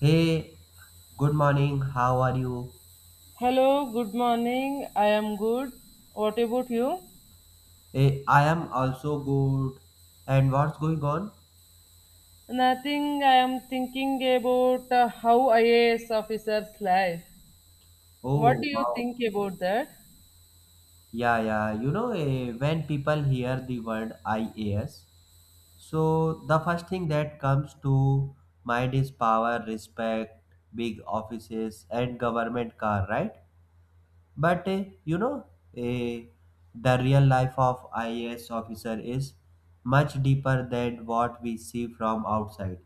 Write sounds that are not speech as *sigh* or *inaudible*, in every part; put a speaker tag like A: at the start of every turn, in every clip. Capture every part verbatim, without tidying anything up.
A: Hey, good morning. How are you?
B: Hello, good morning. I am good. What about you?
A: Hey, I am also good. And what's going on?
B: Nothing. I am thinking about uh, how I A S officers life. What
A: Oh,
B: do you
A: wow.
B: think about that?
A: Yeah, yeah. You know, eh, when people hear the word I A S, so the first thing that comes to mind is power, respect, big offices, and government car, right? But eh, you know, eh, the real life of I A S officer is much deeper than what we see from outside.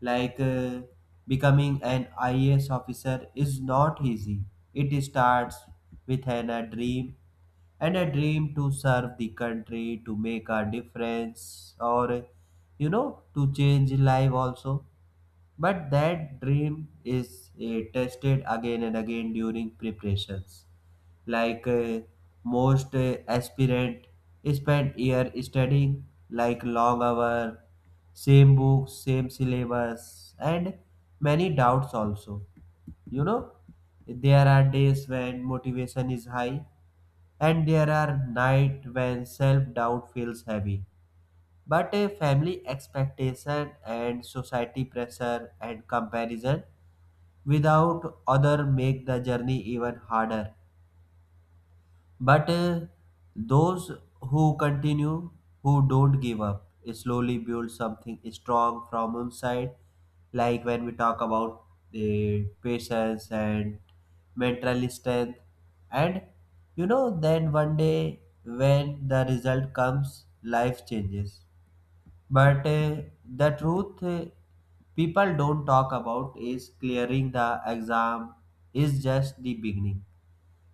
A: Like uh, becoming an I A S officer is not easy. It starts with an, a dream and a dream to serve the country, to make a difference, or you know, to change life also, but that dream is uh, tested again and again during preparations. Like uh, most uh, aspirant spend year studying like long hour, same books, same syllabus, and many doubts also. You know, there are days when motivation is high, and there are nights when self doubt feels heavy. But a family expectation and society pressure and comparison without other make the journey even harder. But uh, those who continue, who don't give up, slowly build something strong from inside. Like when we talk about the patience and mental strength, and you know, then one day when the result comes, life changes, but uh, the truth uh, people don't talk about is clearing the exam is just the beginning.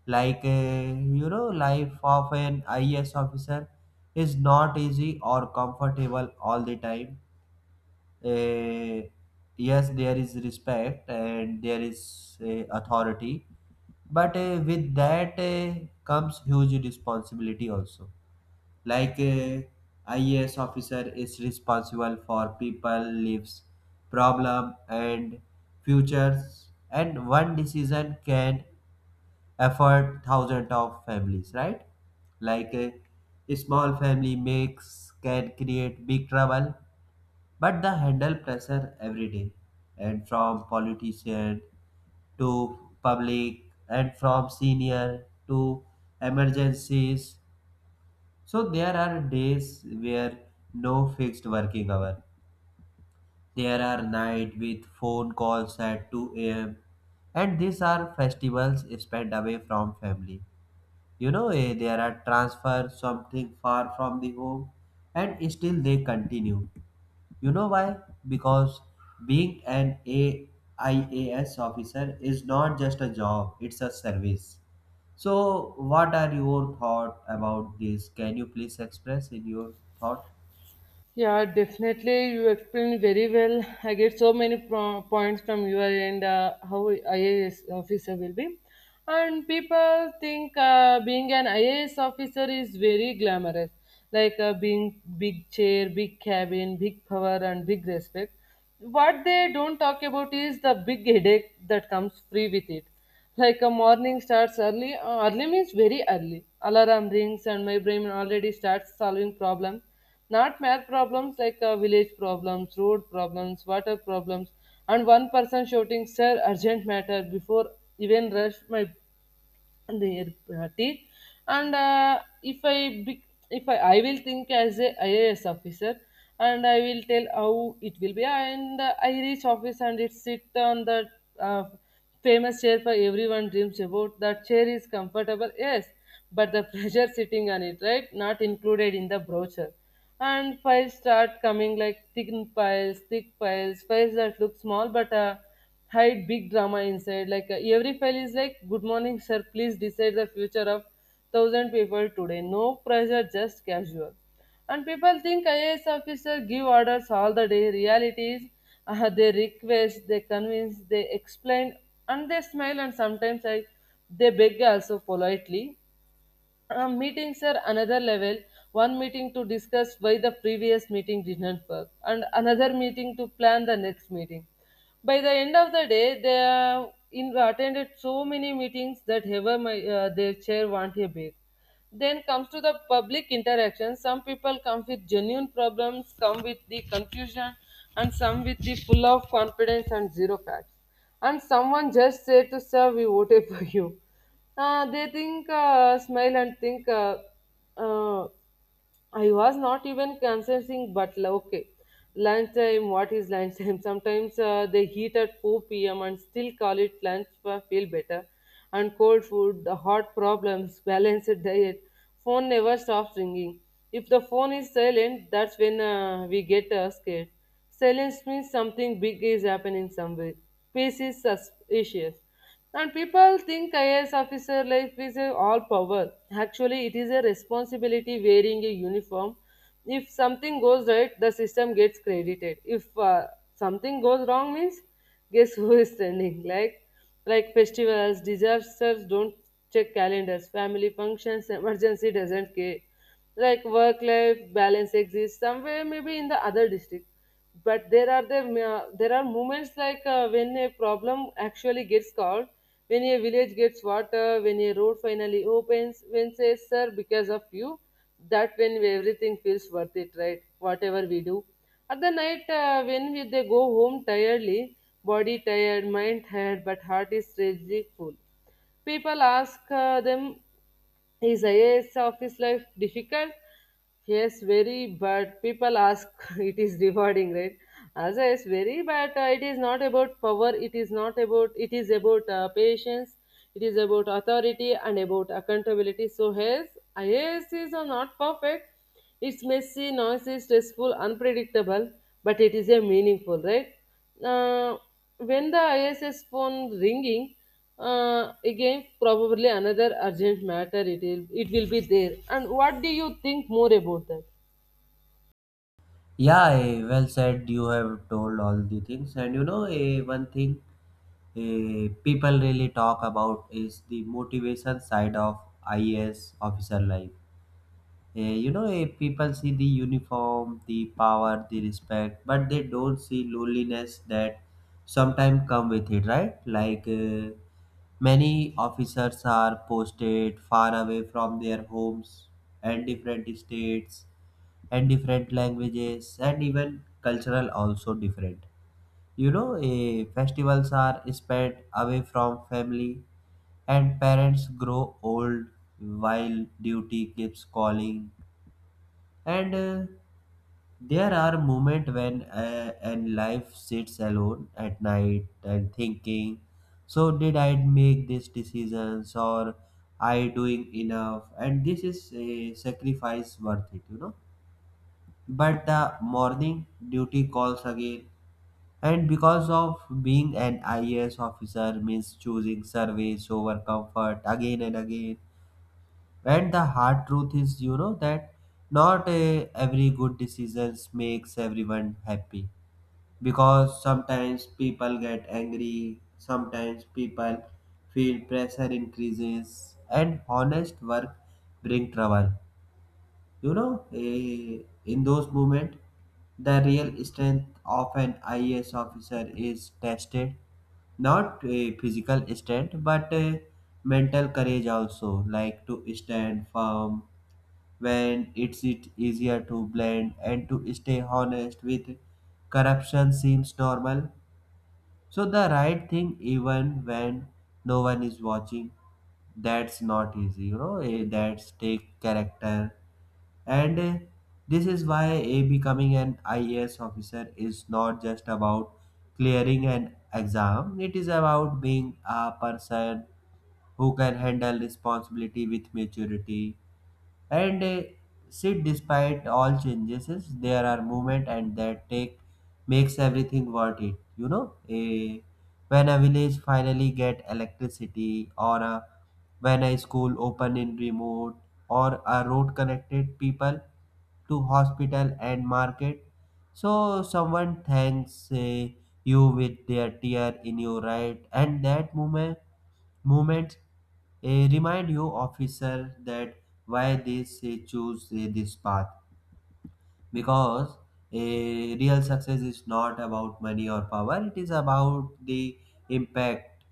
A: Like, uh, you know, life of an I A S officer is not easy or comfortable all the time. Uh, yes, there is respect and there is uh, authority, but uh, with that uh, comes huge responsibility also, like a I A S officer is responsible for people lives, problem, and futures. And one decision can affect thousands of families, right? Like a small family makes can create big trouble. But the handle pressure every day, and from politician to public, and from senior to emergencies. So there are days where no fixed working hour. There are night with phone calls at two a m. And these are festivals spent away from family. You know, eh, there are transfers, something far from the home, and still they continue. You know why? Because being an A I A S officer is not just a job, it's a service. So, what are your thought about this? Can you please express in your thought?
B: Yeah, definitely. You explained very well. I get so many pro- points from your end, uh, how I A S officer will be. And people think uh, being an I A S officer is very glamorous, like uh, being big chair, big cabin, big power, and big respect. What they don't talk about is the big headache that comes free with it. Like a morning starts early, uh, early means very early. Alarm rings and my brain already starts solving problems. Not math problems like uh, village problems, road problems, water problems, and one person shouting, Sir, urgent matter before even rush my and their uh, teeth. And uh, if I bec- if I, I will think as a ias officer, and I will tell how it will be. And uh, I reach office and it sit on the uh, famous chair for everyone dreams about. That chair is comfortable, yes, but the pressure sitting on it, right, not included in the brochure. And files start coming like thin piles, thick piles, files that look small but uh, hide big drama inside. Like uh, every file is like, "Good morning, sir. Please decide the future of thousand people today. No pressure, just casual." And people think I A S officer give orders all the day. Reality is, uh, they request, they convince, they explain, and they smile. And sometimes I, they beg also politely. Uh, meetings are another level. One meeting to discuss why the previous meeting did not work, and another meeting to plan the next meeting. By the end of the day, they have in, attended so many meetings that ever my, uh, their chair want a bit. Then comes to the public interaction. Some people come with genuine problems, some with the confusion, and some with the full of confidence and zero facts. And someone just said to serve you whatever you. Uh, they think, uh, smile and think, uh, uh, I was not even considering, but la- okay. Lunchtime, what is lunchtime? *laughs* Sometimes uh, they heat at four p m and still call it lunch for feel better. And cold food, the hot problems, *laughs* balanced diet, phone never stops ringing. If the phone is silent, that's when uh, we get uh, scared. Silence means something big is happening somewhere. Peace is suspicious. And people think I A S officer life is a all power. Actually, it is a responsibility wearing a uniform. If something goes right, the system gets credited. If uh, something goes wrong, means guess who is standing? Like, like festivals, disasters don't check calendars, family functions, emergency doesn't care, like work life balance exists somewhere, maybe in the other district. But there are the uh, there are moments like uh, when a problem actually gets solved, when a village gets water, when a road finally opens, when says sir because of you, that when everything feels worth it, right, whatever we do at the night. uh, when we, they go home tiredly, body tired, mind tired, but heart is strangely full. People ask uh, them, is I A S office life difficult? Yes, very, but people ask *laughs* it is rewarding, right? As I is very, but uh, it is not about power. It is not about. It is about uh, patience. It is about authority and about accountability. So yes, I A S is uh, not perfect, it's messy, noisy, stressful, unpredictable, but it is a meaningful, right? Uh, when the I S S phone ringing, uh, again probably another urgent matter. It will it will be there. And what do you think more about that?
A: Yeah, eh, well said. You have told all the things, and you know, eh, one thing eh, people really talk about is the motivation side of I A S officer life. Eh, you know, eh, people see the uniform, the power, the respect, but they don't see loneliness that sometimes come with it, right? Like uh, many officers are posted far away from their homes and different states and different languages and even cultural also different. You know, eh, festivals are spent away from family, and parents grow old while duty keeps calling. And uh, there are moments when uh, and life sits alone at night and thinking, so did I make these decisions, or I doing enough? And this is a sacrifice worth it, you know. But the morning duty calls again, and because of being an I A S officer means choosing service over comfort again and again, and the hard truth is, you know, that not uh, every good decisions makes everyone happy. Because sometimes people get angry, sometimes people feel pressure increases, and honest work bring trouble. You know, eh, in those moments, the real strength of an I A S officer is tested, not a physical strength but a mental courage also, like to stand firm when it's it easier to blend, and to stay honest with corruption seems normal. So the right thing even when no one is watching, that's not easy. You know, eh, that's take character. And eh, this is why a becoming an I A S officer is not just about clearing an exam, it is about being a person who can handle responsibility with maturity and uh, see, despite all changes, is there are movement and that take makes everything worth it. You know, Eh, when a village finally get electricity, or a, when a school open in remote, or a road connected people to hospital and market. So someone thanks eh, you with their tear in your right, and that moment moment Eh, remind you officer that why they say choose eh, this path, because a real success is not about money or power, it is about the impact.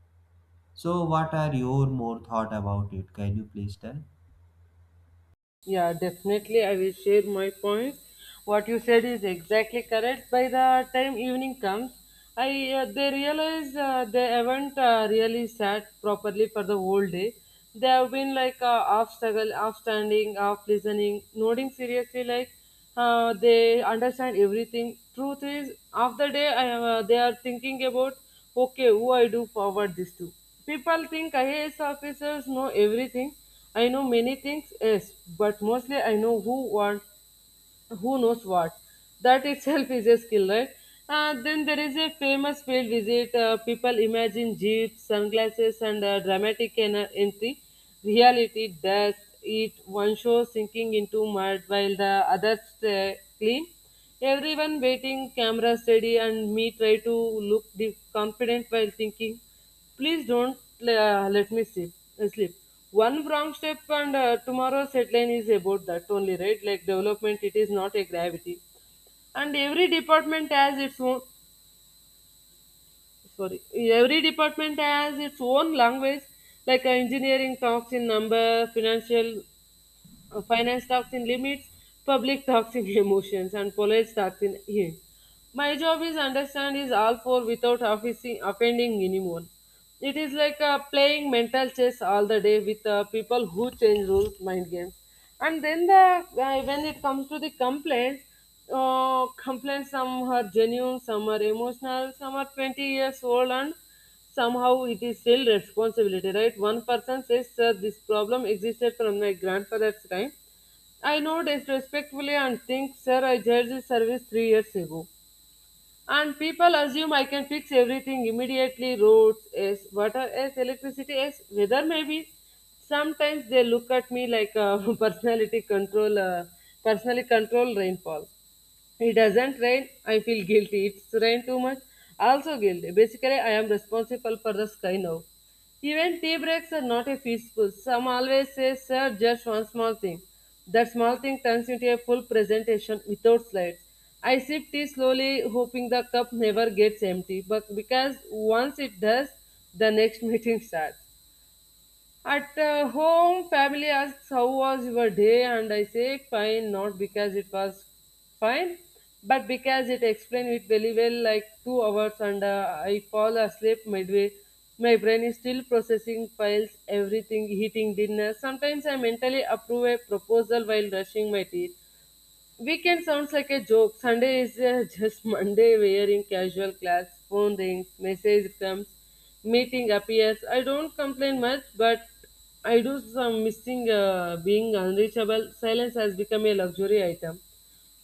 A: So what are your more thought about it? Can you please tell?
B: Yeah, definitely. I will share my points. What you said is exactly correct. By the time evening comes, I uh, they realize uh, they haven't uh, really sat properly for the whole day. They have been like uh, half struggle, half standing, half listening, nodding seriously like uh, they understand everything. Truth is, after day, I am, uh, they are thinking about, okay, who I do forward this to. People think I A S officers know everything. I know many things, yes, but mostly I know who want who knows what. That itself is a skill, right? Uh, then there is a famous field visit. Uh, people imagine jeeps, sunglasses, and uh, dramatic en- entry. Reality does it. One show sinking into mud while the others uh, clean. Everyone waiting, camera steady, and me try to look the confident while thinking. Please don't uh, let me sleep. uh, sleep. One wrong step and uh, tomorrow's headline is about that only, right? Like development, it is not a gravity. And every department has its own, sorry, every department has its own language. Like uh, engineering talks in number, financial uh, finance talks in limits, public talks in *laughs* emotions, and college talks in yeah. My job is understand is all four without offising, offending anyone. It is like uh, playing mental chess all the day with uh, people who change rules, mind games. And then the uh, when it comes to the complaints, uh, complaints some are genuine, some are emotional, some are twenty years old and somehow it is still responsibility, right? One person says, Sir, this problem existed from my grandfather's time. I know disrespectfully and think, Sir, I judged this service three years ago. And people assume I can fix everything immediately, roads, yes, water, yes, electricity, yes, weather, maybe. Sometimes they look at me like a *laughs* personality control, uh, personally control rainfall. It doesn't rain, I feel guilty. It's rain too much, also guilty. Basically, I am responsible for the sky now. Even tea breaks are not a peaceful. Some always say, sir, just one small thing. That small thing turns into a full presentation without slides. I sip tea slowly, hoping the cup never gets empty, but because once it does, the next *laughs* meeting starts. At uh, home, family asks how was your day, and I say fine, not because it was fine, but because it explained it very well, like two hours, and uh, I fall asleep midway. My brain is still processing files, everything, eating dinner. Sometimes I mentally approve a proposal while brushing my teeth. Weekend sounds like a joke. Sunday is uh, *laughs* just Monday wearing casual clothes, phone rings, message comes, meeting appears. I don't complain much, but I do some missing uh, being unreachable. Silence has become a luxury item.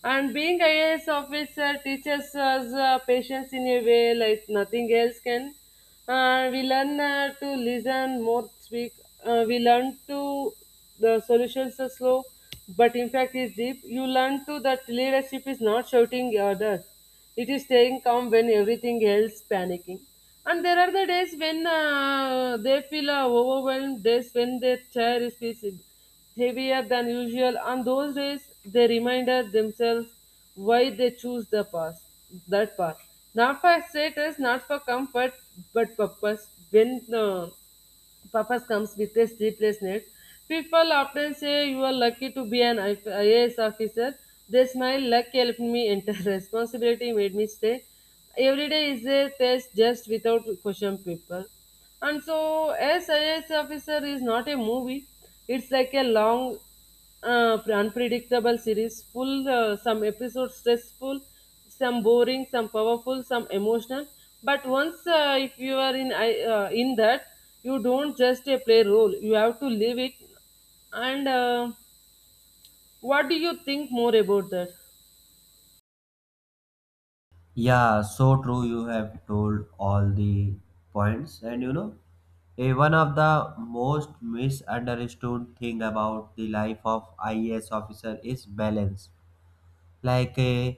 B: And being I A S officer teaches us uh, patience in a way like nothing else can. Uh, we learn uh, to listen more, speak. Uh, we learn to the solutions are slow, but in fact, is deep. You learn to that leadership is not shouting orders; it is staying calm when everything else panicking. And there are the days when uh, they feel uh, overwhelmed, days when their chair is feels heavier than usual, on those days they reminded themselves why they choose the path, that path. Not for status, not for comfort, but purpose. When uh, purpose comes with a sleepless night. People often say you are lucky to be an I- IAS officer. They smile, luck helped me enter. *laughs* Responsibility made me stay. Every day is a test just without question paper. And so, I A S officer is not a movie. It's like a long uh, unpredictable series full, uh, some episodes stressful, some boring, some powerful, some emotional, but once uh, if you are in I- uh, in that, you don't just uh, play role, you have to live it. And uh, what do you think more about that?
A: Yeah, so true. You have told all the points. And you know eh, one of the most misunderstood thing about the life of ias officer is balance. Like uh,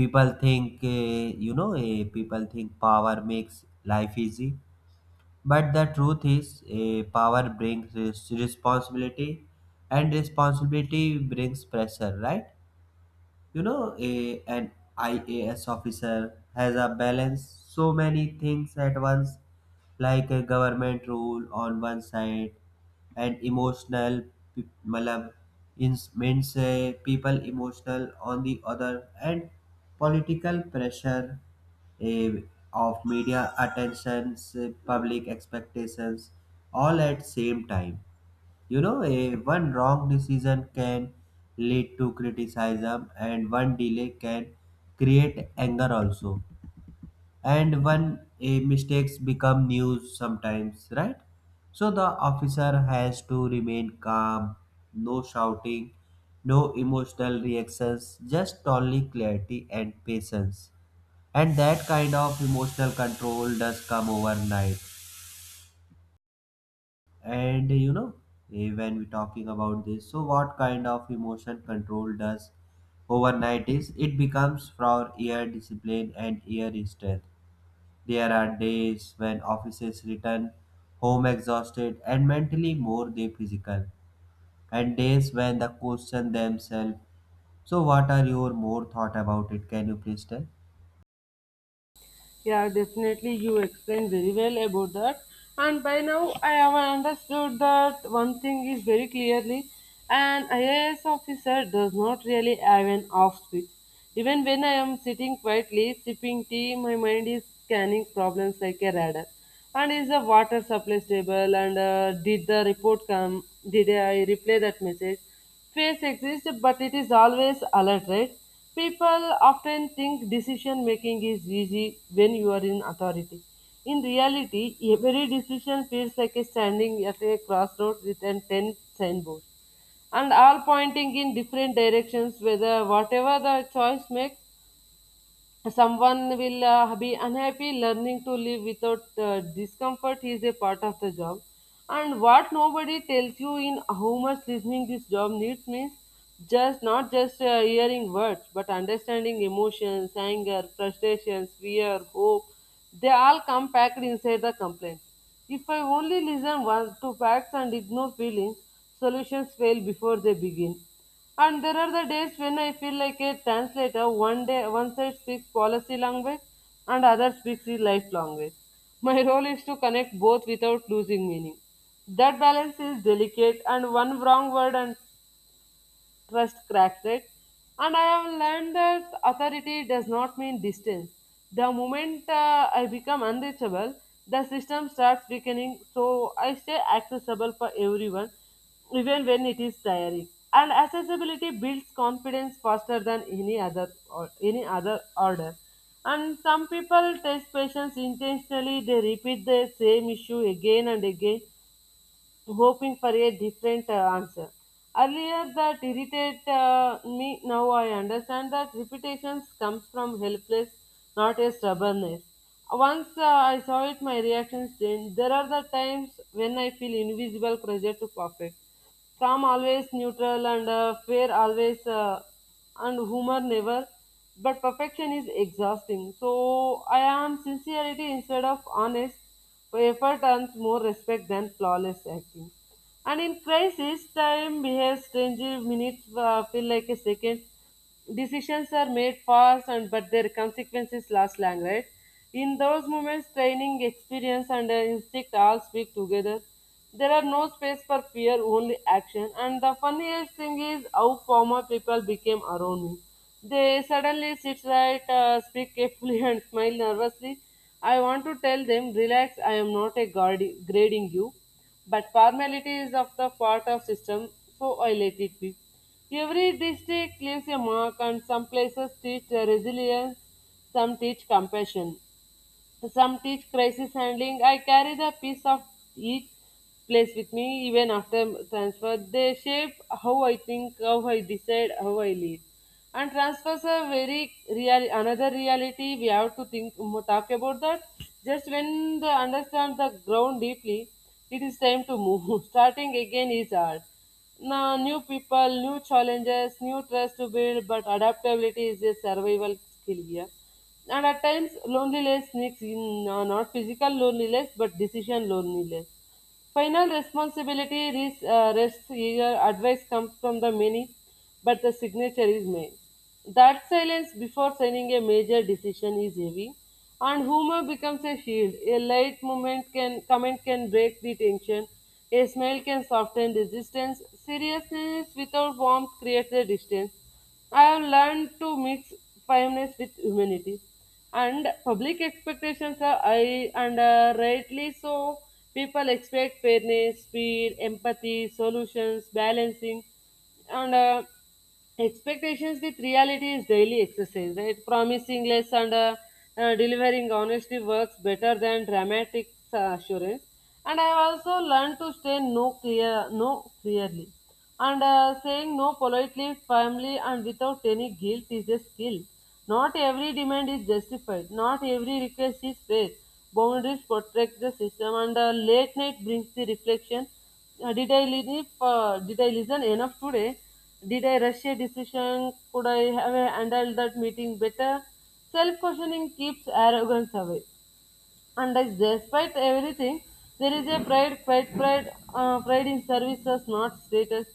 A: people think uh, you know uh, people think power makes life easy. But the truth is uh, power brings res- responsibility, and responsibility brings pressure, right? You know, a, an I A S officer has a balance so many things at once, like a government rule on one side and emotional, pe- matlab, ins- means uh, people emotional on the other, and political pressure uh, of media attentions, uh, public expectations, all at same time. You know, a one wrong decision can lead to criticism, and one delay can create anger also. And one a mistakes become news sometimes, right? So the officer has to remain calm, no shouting, no emotional reactions, just only clarity and patience. And that kind of emotional control does come overnight. And you know, eh, when we're talking about this, so what kind of emotion control does overnight is? It becomes for ear discipline and ear strength. There are days when officers return home exhausted and mentally more than physical, and days when they question themselves. So, what are your more thought about it? Can you please tell?
B: Yeah, definitely you explained very well about that. And by now I have understood that one thing is very clearly an I A S officer does not really have an off switch. Even when I am sitting quietly sipping tea, my mind is scanning problems like a radar. And is the water supply stable? And uh, did the report come? Did I replay that message? Face exists, but it is always altered. People often think decision making is easy when you are in authority. In reality, every decision feels like a standing at a crossroads with a ten signboards and all pointing in different directions whether whatever the choice makes. Someone will uh, be unhappy learning to live without uh, discomfort is a part of the job. And what nobody tells you in how much listening this job needs means just not just uh, hearing words but understanding emotions, anger, frustrations, fear, hope. They all come packed inside the complaint. If I only listen once to facts and ignore feelings, solutions fail before they begin. And there are the days when I feel like a translator. One day, one side speaks policy language, and other speaks the life language. My *laughs* role is to connect both without losing meaning. That balance is delicate, and one wrong word and trust cracks it. And I have learned that authority does not mean distance. The moment uh, I become unreachable, the system starts weakening, so I stay accessible for everyone, even when it is tiring. And accessibility builds confidence faster than any other or any other order. And some people test patients intentionally, they repeat the same issue again and again hoping for a different uh, answer. Earlier that irritated uh, me, now I understand that repetitions comes from helpless, not a stubbornness. Once uh, I saw it, my reactions changed. There are the times when I feel invisible pressure to perfect. Calm always neutral and uh, fair always uh, and humor never. But perfection is exhausting. So I am sincerity instead of honest. Effort earns more respect than flawless acting. And in crisis, time behaves strangely. Minutes uh, feel like a second. Decisions are made fast, and but their consequences last long, right? In those moments, training, experience, and uh, instinct all speak together. There are no space for fear, only action. And the funniest thing is how former people became around me. They suddenly sit right, uh, speak carefully, *laughs* and smile nervously. I want to tell them, relax, I am not a guardi- grading you. But formality is of the part of system, so I let it be. Every district leaves a mark, and some places teach uh, resilience, some teach compassion. Some teach crisis handling. I carry the piece of each place with me even after transfer. They shape how I think, how I decide, how I live. And transfers are very real another reality. We have to think mo- talk about that. Just when they understand the ground deeply, it is time to move. *laughs* Starting again is hard. Now, new people, new challenges, new trust to build, but adaptability is a survival skill here. And at times, loneliness sneaks in, uh, not physical loneliness, but decision loneliness. Final responsibility is, uh, rests here, advice comes from the many but the signature is made. That silence before signing a major decision is heavy, and humor becomes a shield. A light moment can comment can break the tension, a smile can soften resistance. Seriousness without warmth creates a distance. I have learned to mix firmness with humanity, and public expectations are high and uh, rightly so. People expect fairness, speed, empathy, solutions, balancing and uh, expectations with reality is daily exercise, right? Promising less and uh, uh, delivering honestly works better than dramatic uh, assurance. And I have also learned to say no clear no clearly. And uh, saying no politely, firmly and without any guilt is a skill. Not every demand is justified, not every request is fair. Boundaries protect the system. And uh, late night brings the reflection. Uh, did I live? Uh, did I listen enough today? Did I rush a decision? Could I have handled that meeting better? Self questioning keeps arrogance away. And as despite everything, there is a pride, pride, pride, uh, pride in services, not status.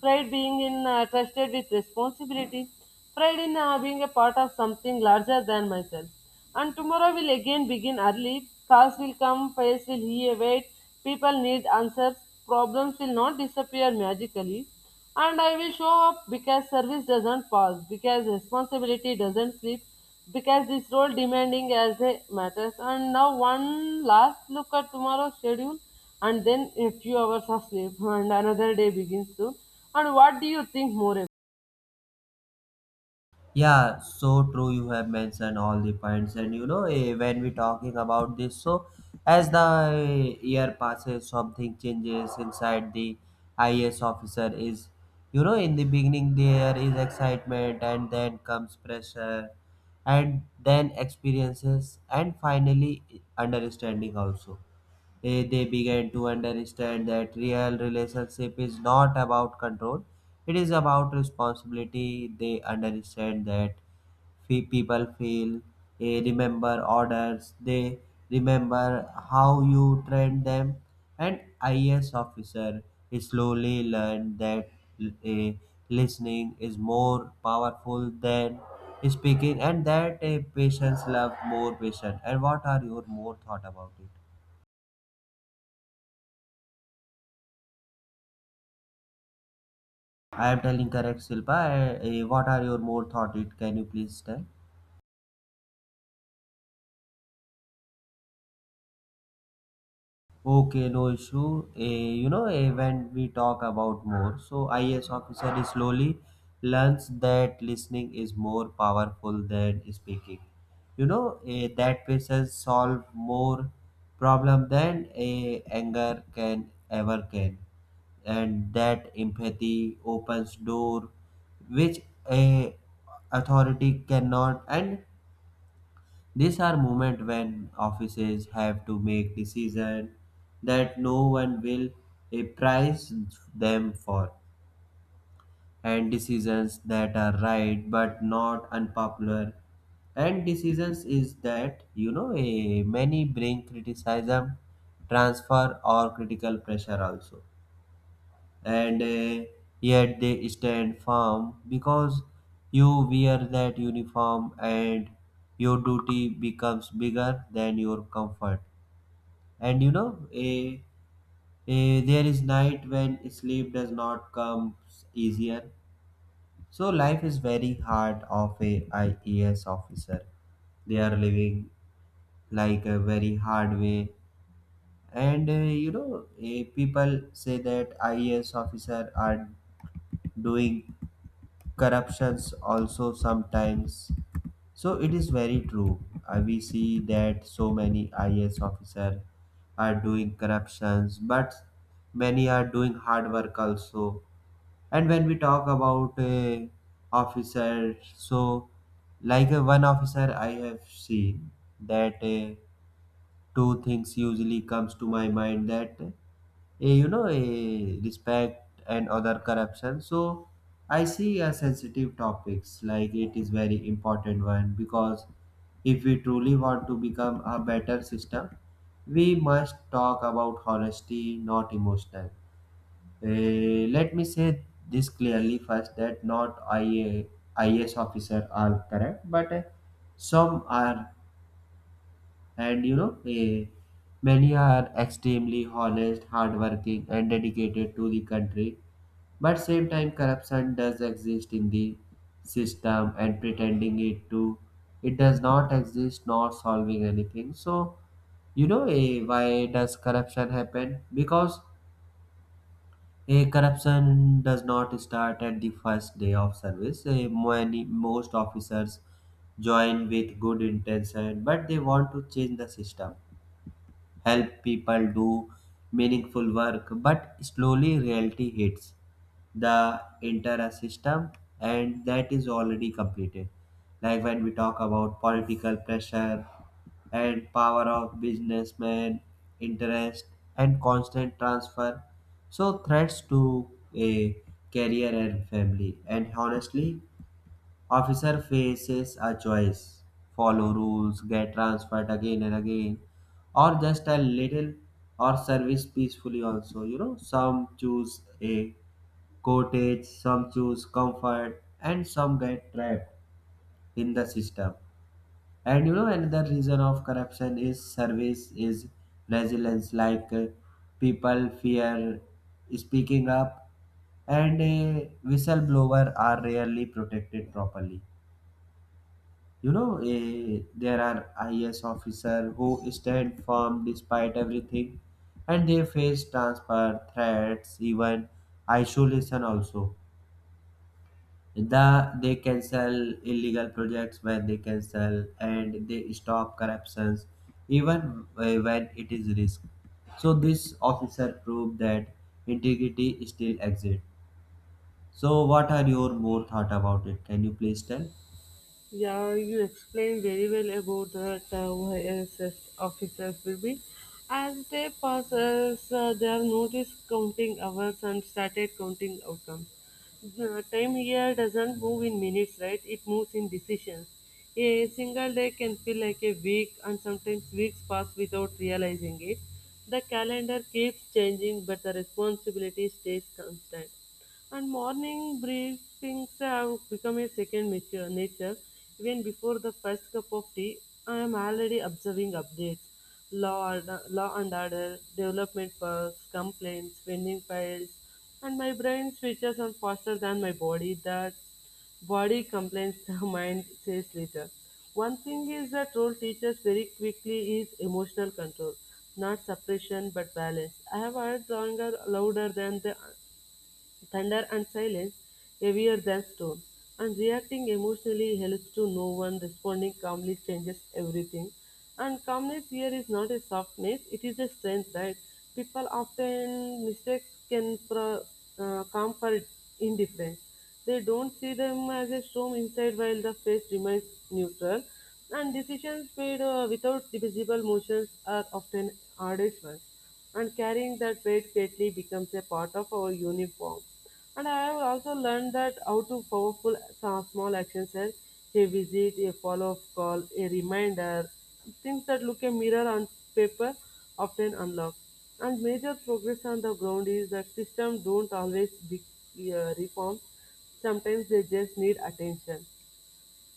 B: Pride being in uh, trusted with responsibility. Pride in uh, being a part of something larger than myself. And tomorrow will again begin early. Calls will come, files will here wait. People need answers. Problems will not disappear magically. And I will show up because service doesn't pause, because responsibility doesn't sleep, because this role demanding as they matters. And now one last look at tomorrow's schedule, and then a few hours of sleep, *laughs* and another day begins soon. And what do you think more? About?
A: Yeah, so true. You have mentioned all the points. And you know, eh, when we talking about this, so as the eh, year passes, something changes inside the I A S officer. Is you know, in the beginning, there is excitement, and then comes pressure, and then experiences, and finally, understanding also. Eh, they began to understand that real relationship is not about control, it is about responsibility. They understand that fe- people feel, eh, remember orders. They remember how you train them. And ias officer slowly learned that eh, listening is more powerful than speaking, and that a patients love more patient. And what are your more thought about it? I am telling correct, Silpa. Eh, eh, what are your more thought? It can you please tell? Okay, no issue. Eh, you know, eh, when we talk about more, so I A S officer is slowly learns that listening is more powerful than speaking. You know, eh, that patience solve more problem than eh, anger can ever can, and that empathy opens door which a authority cannot. And these are moments when offices have to make decisions that no one will eh, price them for, and decisions that are right but not unpopular. And decisions is that you know eh, many bring criticism, transfer or critical pressure also. And uh, yet they stand firm, because you wear that uniform and your duty becomes bigger than your comfort. And you know a a there is night when sleep does not come easier. So life is very hard of a I A S officer. They are living like a very hard way, and eh, you know, eh, people say that I A S officer are doing corruptions also sometimes, so it is very true. Uh, we see that so many I A S officer are doing corruptions, but many are doing hard work also. And when we talk about uh, officer, so like uh, one officer I have seen that uh, two things usually comes to my mind, that eh, you know eh, respect and other corruption. So I see a sensitive topics, like it is very important one, because if we truly want to become a better system, we must talk about honesty, not emotional. Eh, let me say this clearly first, that not I a I S officer are correct, but eh, some are. And you know eh, many are extremely honest hardworking and dedicated to the country, but same time corruption does exist in the system, and pretending it to it does not exist not solving anything. So you know eh, why does corruption happen? Because a corruption does not start at the first day of service. Eh, many most officers join with good intention, but they want to change the system, help people do meaningful work, but slowly reality hits the entire system and that is already completed. Like when we talk about political pressure and power of businessmen, interest and constant transfer. So threats to a career and family. And honestly, officer faces a choice, follow rules, get transferred again and again, or just a little, or service peacefully also. You know, some choose a cottage, some choose comfort, and some get trapped in the system. And you know, another reason of corruption is service is resilience, like uh, people fear speaking up, and a whistleblower are rarely protected properly. You know, eh, there are I S officers who stand firm despite everything, and they face transfer, threats, even isolation also. The, they cancel illegal projects when they cancel, and they stop corruptions even eh, when it is risk. So this officer proved that integrity still exists. So what are your more thought about it? Can you please tell?
B: Yeah, you explained very well about the Y S S officers will be. As they pass us, uh, they have noticed counting hours and started counting outcomes. The time here doesn't move in minutes, right? It moves in decisions. A single day can feel like a week, and sometimes weeks pass without realizing it. The calendar keeps changing, but the responsibility stays constant. And morning briefings have become a second nature, nature. Even before the first cup of tea, I am already observing updates. Law, order, law and order, development perks, complaints, pending files, and my brain switches on faster than my body. That body complains, *laughs* the mind says later. One thing is that role teaches very quickly is emotional control, not suppression but balance. I have heard stronger louder than the Thunder and silence, heavier than stone. And reacting emotionally helps to no one, responding calmly changes everything. And calmness here is not a softness, it is a strength, right? People often mistakes can pro, uh, come for indifference. They don't see them as a storm inside while the face remains neutral. And decisions made uh, without visible motions are often hardest ones, and carrying that weight greatly becomes a part of our uniform. And I have also learned that how to powerful sa- small actions are a visit, a follow-up call, a reminder, things that look a mirror on paper often unlock. And major progress on the ground is that systems don't always be uh, reformed. Sometimes they just need attention.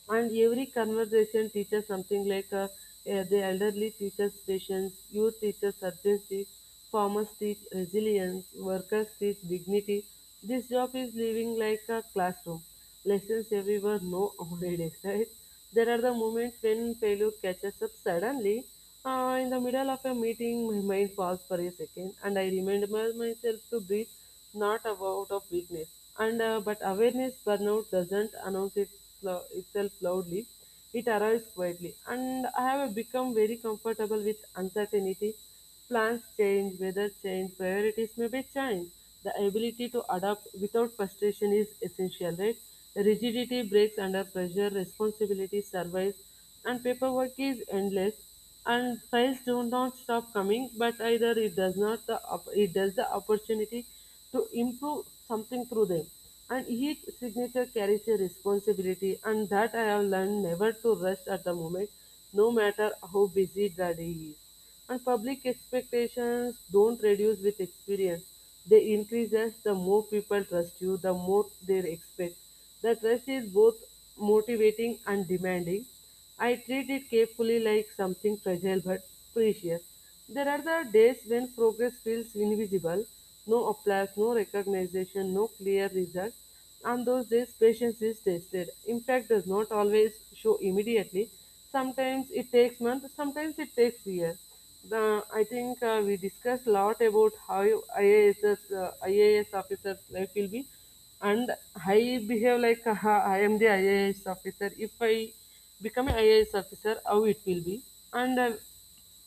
B: And every conversation teaches something like uh, uh, the elderly teaches patience, youth teaches urgency, farmers teach resilience, workers teach dignity. This job is living like a classroom. Lessons everywhere, no holidays, *laughs* right? There are the moments when failure catches up suddenly. Uh, in the middle of a meeting, my mind falls for a second, and I remind my- myself to breathe, not about of weakness and uh, but awareness. Burnout doesn't announce it, lo- itself loudly, it arrives quietly. And I have become very comfortable with uncertainty. Plans change, weather change, priorities may be changed. The ability to adapt without frustration is essential, right? Rigidity breaks under pressure, responsibility survives. And paperwork is endless, and files do not stop coming, but either it does not the op- it does the opportunity to improve something through them. And each signature carries a responsibility, and that I have learned never to rest at the moment, no matter how busy the day is. And public expectations don't reduce with experience, they increase as the more people trust you, the more they expect. The trust is both motivating and demanding. I treat it carefully like something fragile but precious. There are the days when progress feels invisible, no applause, no recognition, no clear result. On those days, patience is tested. Impact does not always show immediately. Sometimes it takes months, sometimes it takes years. The, I think uh, we discussed a lot about how IAS, uh, I A S officer's life will be, and I behave like uh, I am the I A S officer. If I become an I A S officer, how it will be? And uh,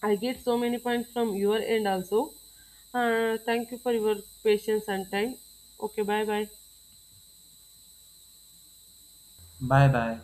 B: I get so many points from your end also. Uh, thank you for your patience and time. Okay, bye bye.
A: Bye bye.